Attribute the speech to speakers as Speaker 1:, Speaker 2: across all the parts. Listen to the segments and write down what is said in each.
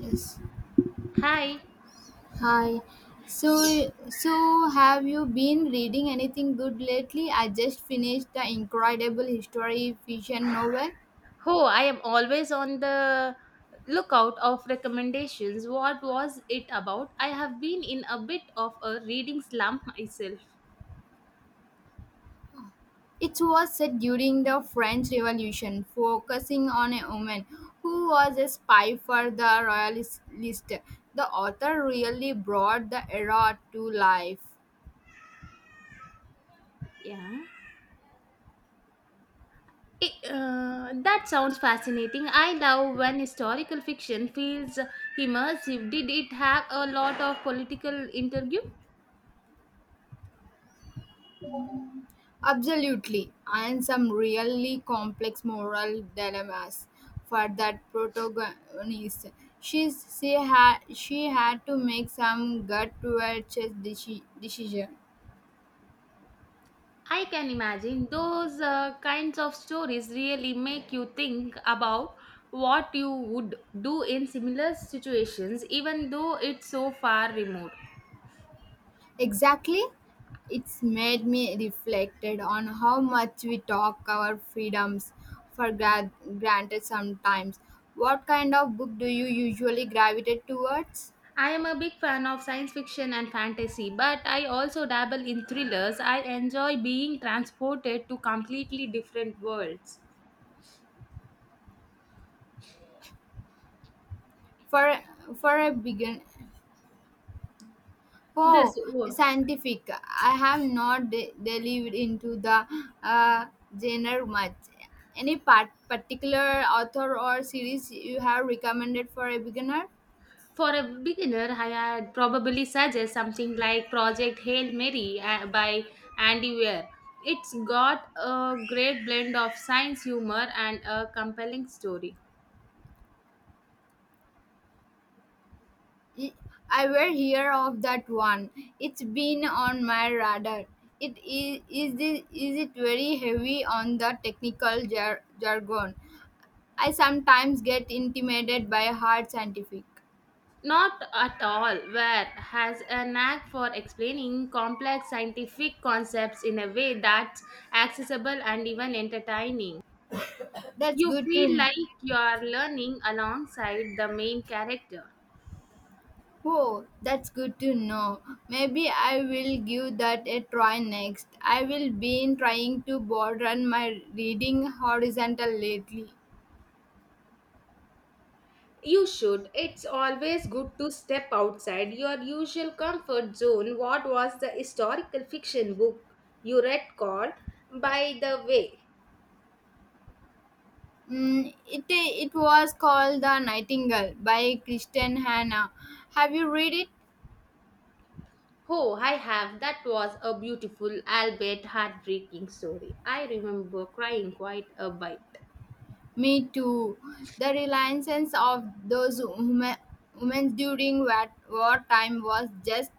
Speaker 1: Yes.
Speaker 2: Hi.
Speaker 1: Hi. So,
Speaker 2: Yeah.
Speaker 1: so have you been reading anything good lately? I just finished the incredible history fiction novel.
Speaker 2: Oh, I am always on the lookout of recommendations. What was it about? I have been in a bit of a reading slump myself.
Speaker 1: It was set during the French Revolution, focusing on a woman who was a spy for the royalist. The author really brought the era to life.
Speaker 2: Yeah. That sounds fascinating. I love when historical fiction feels immersive. Did it have a lot of political interview?
Speaker 1: Absolutely, and some really complex moral dilemmas for that protagonist. She had to make some gut righteous decision.
Speaker 2: I can imagine those kinds of stories really make you think about what you would do in similar situations, even though it's so far remote.
Speaker 1: Exactly, it's made me reflected on how much we talk our freedoms for granted sometimes. What kind of book do you usually gravitate towards?
Speaker 2: I am a big fan of science fiction and fantasy, but I also dabble in thrillers. I enjoy being transported to completely different worlds.
Speaker 1: For for a begin Oh,
Speaker 2: This oh,
Speaker 1: scientific. I have not delved into the uh, genre much. Any particular author or series you have recommended for a beginner?
Speaker 2: for a beginner, I had probably suggest something like Project Hail Mary by Andy Weir. It's got a great blend of science humor and a compelling story.
Speaker 1: Y- I will hear of that one. It's been on my radar. It is this, is it very heavy on the technical jargon? I sometimes get intimidated by hard scientific.
Speaker 2: Not at all where has a knack for explaining complex scientific concepts in a way that's accessible and even entertaining.
Speaker 1: That's
Speaker 2: You
Speaker 1: good
Speaker 2: feel
Speaker 1: to
Speaker 2: like you are learning alongside the main character.
Speaker 1: Oh, that's good to know. Maybe I will give that a try next. I will be trying to broaden my reading horizontal lately.
Speaker 2: You should. It's always good to step outside your usual comfort zone. What was the historical fiction book you read called, by the way?
Speaker 1: It was called The Nightingale by Kristen Hanna. Have you read it?
Speaker 2: Oh, I have. That was a beautiful, albeit heartbreaking story. I remember crying quite a bit.
Speaker 1: Me too. The reliance of those women during wartime was just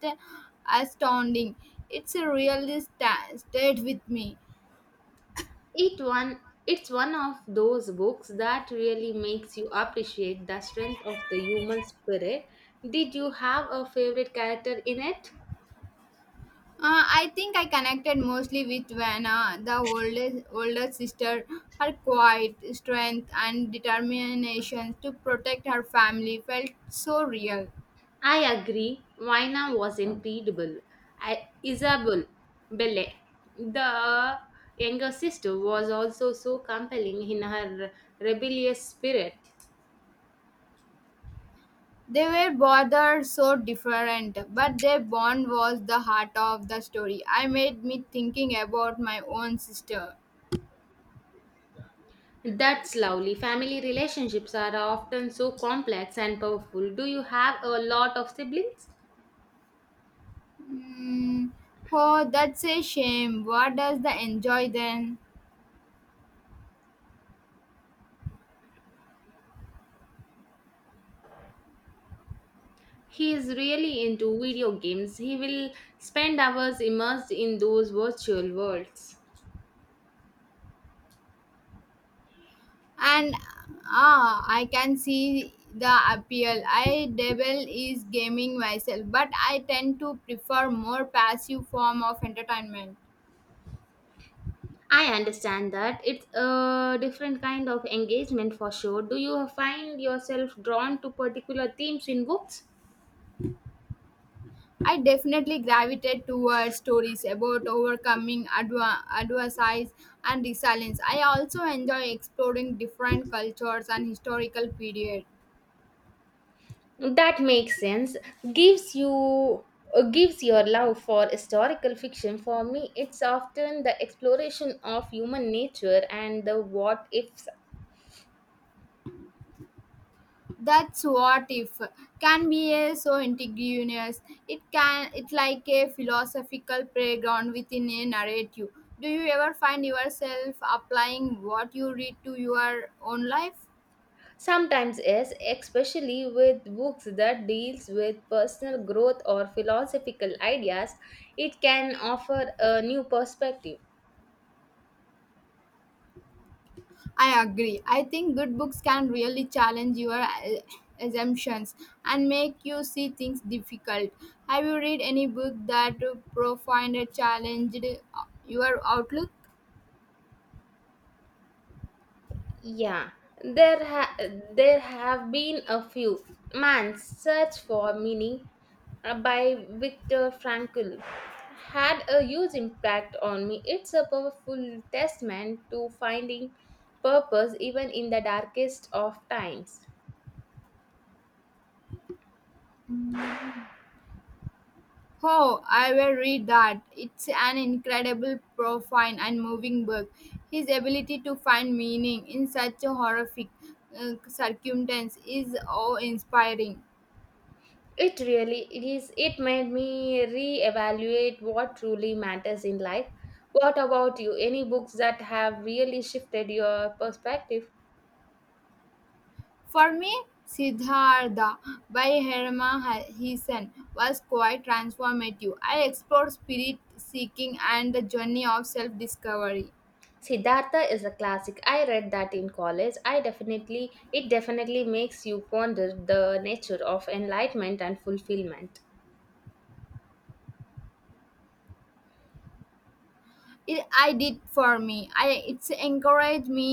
Speaker 1: astounding. It's a really stayed with me.
Speaker 2: It one. It's one of those books that really makes you appreciate the strength of the human spirit. Did you have a favorite character in it?
Speaker 1: I think I connected mostly with Vanna, the oldest older sister. Her quiet strength and determination to protect her family felt so real.
Speaker 2: I agree. Vina was incredible. I, Isabel Belle, the younger sister, was also so compelling in her rebellious spirit.
Speaker 1: They were both so different, but their bond was the heart of the story. I made me thinking about my own sister.
Speaker 2: That's lovely. Family relationships are often so complex and powerful. Do you have a lot of siblings?
Speaker 1: Hmm. Oh, that's a shame. What does the enjoy then?
Speaker 2: He is really into video games. He will spend hours immersed in those virtual worlds.
Speaker 1: and I can see the appeal. I dabble is gaming myself, but I tend to prefer more passive form of entertainment.
Speaker 2: I understand that. It's a different kind of engagement for sure. Do you find yourself drawn to particular themes in books?
Speaker 1: I definitely gravitate towards stories about overcoming adversities and resilience. I also enjoy exploring different cultures and historical periods.
Speaker 2: That makes sense. Gives you gives your love for historical fiction. For me it's often the exploration of human nature and the what ifs.
Speaker 1: That's what if can be a so indigenous. It can it like a philosophical playground within a narrative. Do you ever find yourself applying what you read to your own life?
Speaker 2: Sometimes is especially with books that deals with personal growth or philosophical ideas, it can offer a new perspective.
Speaker 1: I agree. I think good books can really challenge your assumptions and make you see things difficult. Have you read any book that profoundly challenged your outlook?
Speaker 2: Yeah, there ha- there have been a few. Man's Search for Meaning by Viktor Frankl had a huge impact on me. It's a powerful testament to finding purpose even in the darkest of times.
Speaker 1: Oh, I will read that. It's an incredible, profound, and moving book. His ability to find meaning in such a horrific circumstance is awe-inspiring.
Speaker 2: It really is. It made me reevaluate what truly matters in life. What about you? Any books that have really shifted your perspective?
Speaker 1: For me, Siddhartha by Herman Hesse was quite transformative. I explored spirit seeking and the journey of self-discovery.
Speaker 2: Siddhartha is a classic. I read that in college. I definitely It definitely makes you ponder the nature of enlightenment and fulfillment.
Speaker 1: It I did for me I it's encouraged me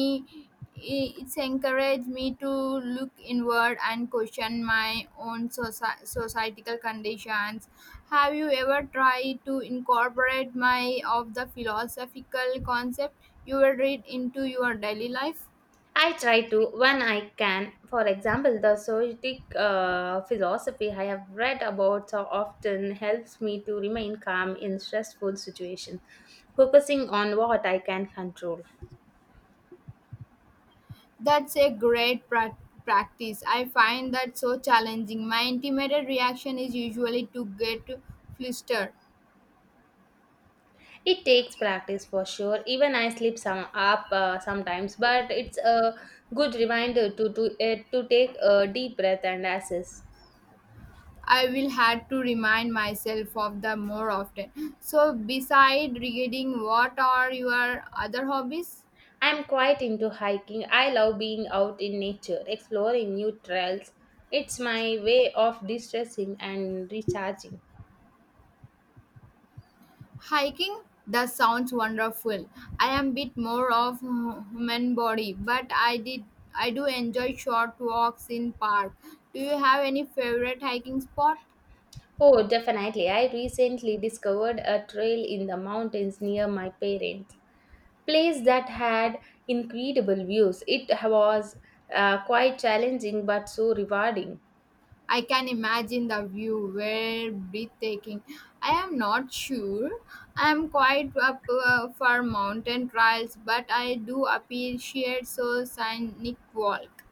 Speaker 1: I- it's encouraged me to look inward and question my own societal conditions. Have you ever tried to incorporate my of the philosophical concept you will read into your daily life?
Speaker 2: I try to when I can. For example, the Soviet philosophy I have read about so often helps me to remain calm in stressful situations, focusing on what I can control.
Speaker 1: That's a great practice. I find that so challenging. My intimate reaction is usually to get flustered.
Speaker 2: It takes practice for sure. Even I slip some up sometimes, but it's a good reminder to take a deep breath and assess.
Speaker 1: I will had to remind myself of the more often. So beside reading, what are your other hobbies?
Speaker 2: I'm quite into hiking. I love being out in nature, exploring new trails. It's my way of distressing and recharging.
Speaker 1: Hiking? That sounds wonderful. I am bit more of human body, but I do enjoy short walks in park. Do you have any favorite hiking spot?
Speaker 2: Oh, definitely. I recently discovered a trail in the mountains near my parents' place that had incredible views. It was quite challenging but so rewarding.
Speaker 1: I can imagine the view were breathtaking. I am not sure. I am quite up for mountain trials, but I do appreciate so scenic walk.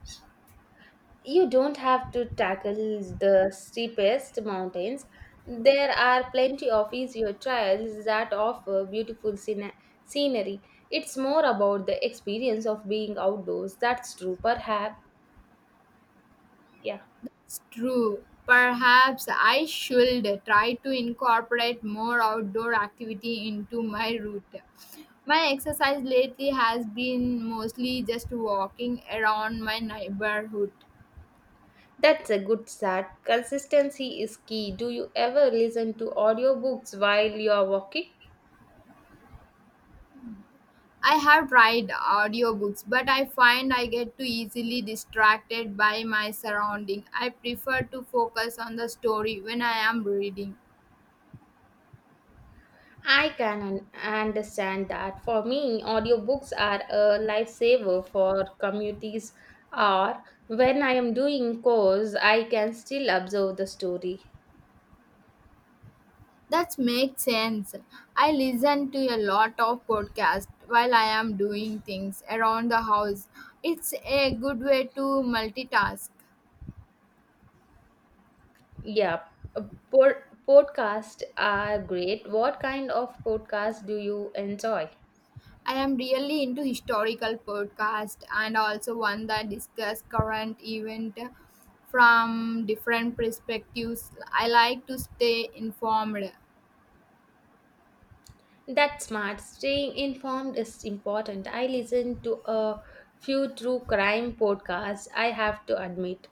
Speaker 2: You don't have to tackle the steepest mountains. There are plenty of easier trails that offer beautiful scenery. It's more about the experience of being outdoors. That's true, perhaps. Yeah,
Speaker 1: It's true. Perhaps I should try to incorporate more outdoor activity into my route. My exercise lately has been mostly just walking around my neighborhood.
Speaker 2: that's a good start. Consistency is key. Do you ever listen to audiobooks while you are walking?
Speaker 1: I have tried audiobooks, but I find I get too easily distracted by my surrounding. I prefer to focus on the story when I am reading.
Speaker 2: Understand that. For me, audiobooks are a lifesaver for communities or when I am doing course, I can still observe the story.
Speaker 1: That makes sense. I listen to a lot of podcasts while I am doing things around the house. It's a good way to multitask.
Speaker 2: Yeah. uh, Pod- Podcasts are great. What kind of podcast do you enjoy?
Speaker 1: I am really into historical podcast and also one that discuss current event from different perspectives. I like to stay informed.
Speaker 2: That's smart. Staying informed is important. I listen to a few true crime podcasts, I have to admit.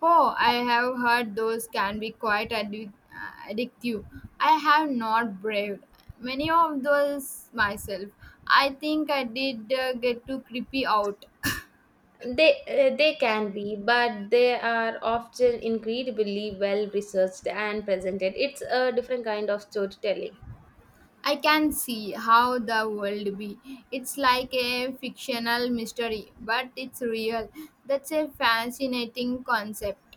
Speaker 1: Oh, I have heard those can be quite addictive. I have not braved many of those myself. I think I did get too creepy out.
Speaker 2: They can be, but they are often incredibly well researched and presented. It's a different kind of storytelling.
Speaker 1: I can see how the world be. It's like a fictional mystery, but it's real. That's a fascinating concept.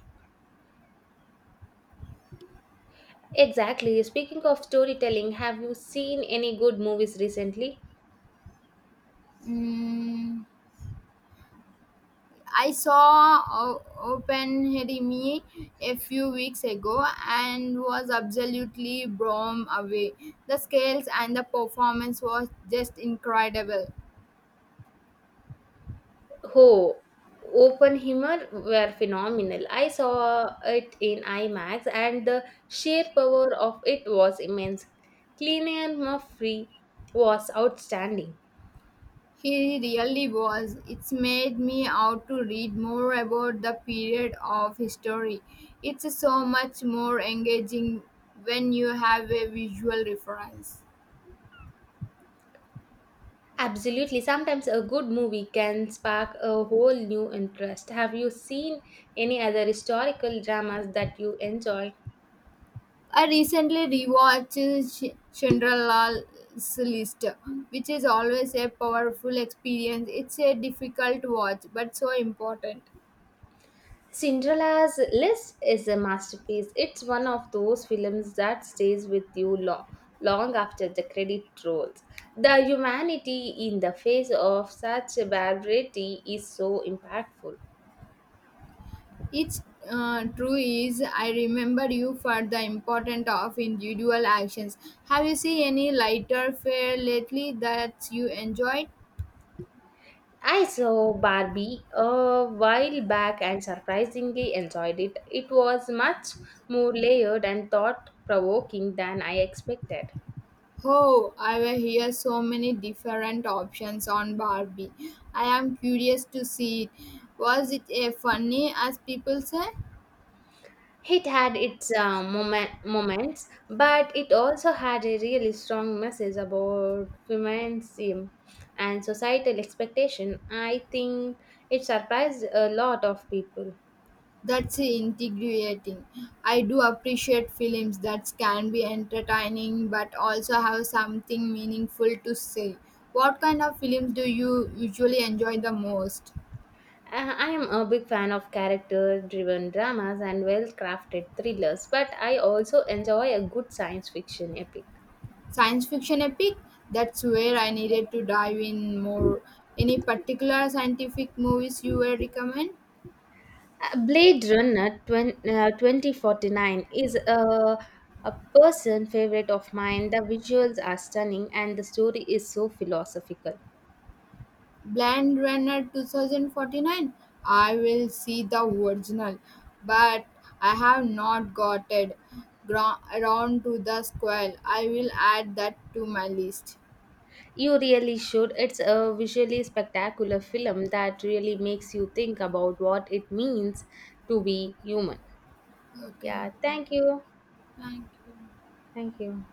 Speaker 2: Exactly. Speaking of storytelling, have you seen any good movies recently?
Speaker 1: Mm, I saw o- Oppenheimer a few weeks ago and was absolutely blown away. The scales and the performance was just incredible.
Speaker 2: Oh, Oppenheimer were phenomenal. I saw it in IMAX, and the sheer power of it was immense. Cillian Murphy was outstanding.
Speaker 1: He really was. It's made me out to read more about the period of history. It's so much more engaging when you have a visual reference.
Speaker 2: Absolutely. Sometimes a good movie can spark a whole new interest. Have you seen any other historical dramas that you enjoyed?
Speaker 1: I recently rewatched Cinderella's List, which is always a powerful experience. It's a difficult watch, but so important.
Speaker 2: Cinderella's List is a masterpiece. It's one of those films that stays with you long, long after the credit rolls. The humanity in the face of such barbarity is so impactful.
Speaker 1: It's true is I remember you for the importance of individual actions. Have you seen any lighter fare lately that you enjoyed?
Speaker 2: I saw Barbie a while back and surprisingly enjoyed it. It was much more layered and thought provoking than I expected.
Speaker 1: Oh, I will hear so many different options on Barbie. I am curious to see it. Was it a funny as people say?
Speaker 2: It had its moments, but it also had a really strong message about feminism and societal expectation. I think it surprised a lot of people.
Speaker 1: That's integrating. I do appreciate films that can be entertaining but also have something meaningful to say. What kind of films do you usually enjoy the most?
Speaker 2: I am a big fan of character driven dramas and well crafted thrillers, but I also enjoy a good science fiction epic.
Speaker 1: Science fiction epic? That's where I needed to dive in more. Any particular scientific movies you would recommend?
Speaker 2: Blade Runner twen 2049 is a person favorite of mine. The visuals are stunning and the story is so philosophical.
Speaker 1: Blade Runner 2049. I will see the original, but I have not got it around to the squirrel. I will add that to my list.
Speaker 2: You really should. It's a visually spectacular film that really makes you think about what it means to be human.
Speaker 1: Okay.
Speaker 2: Yeah, thank you.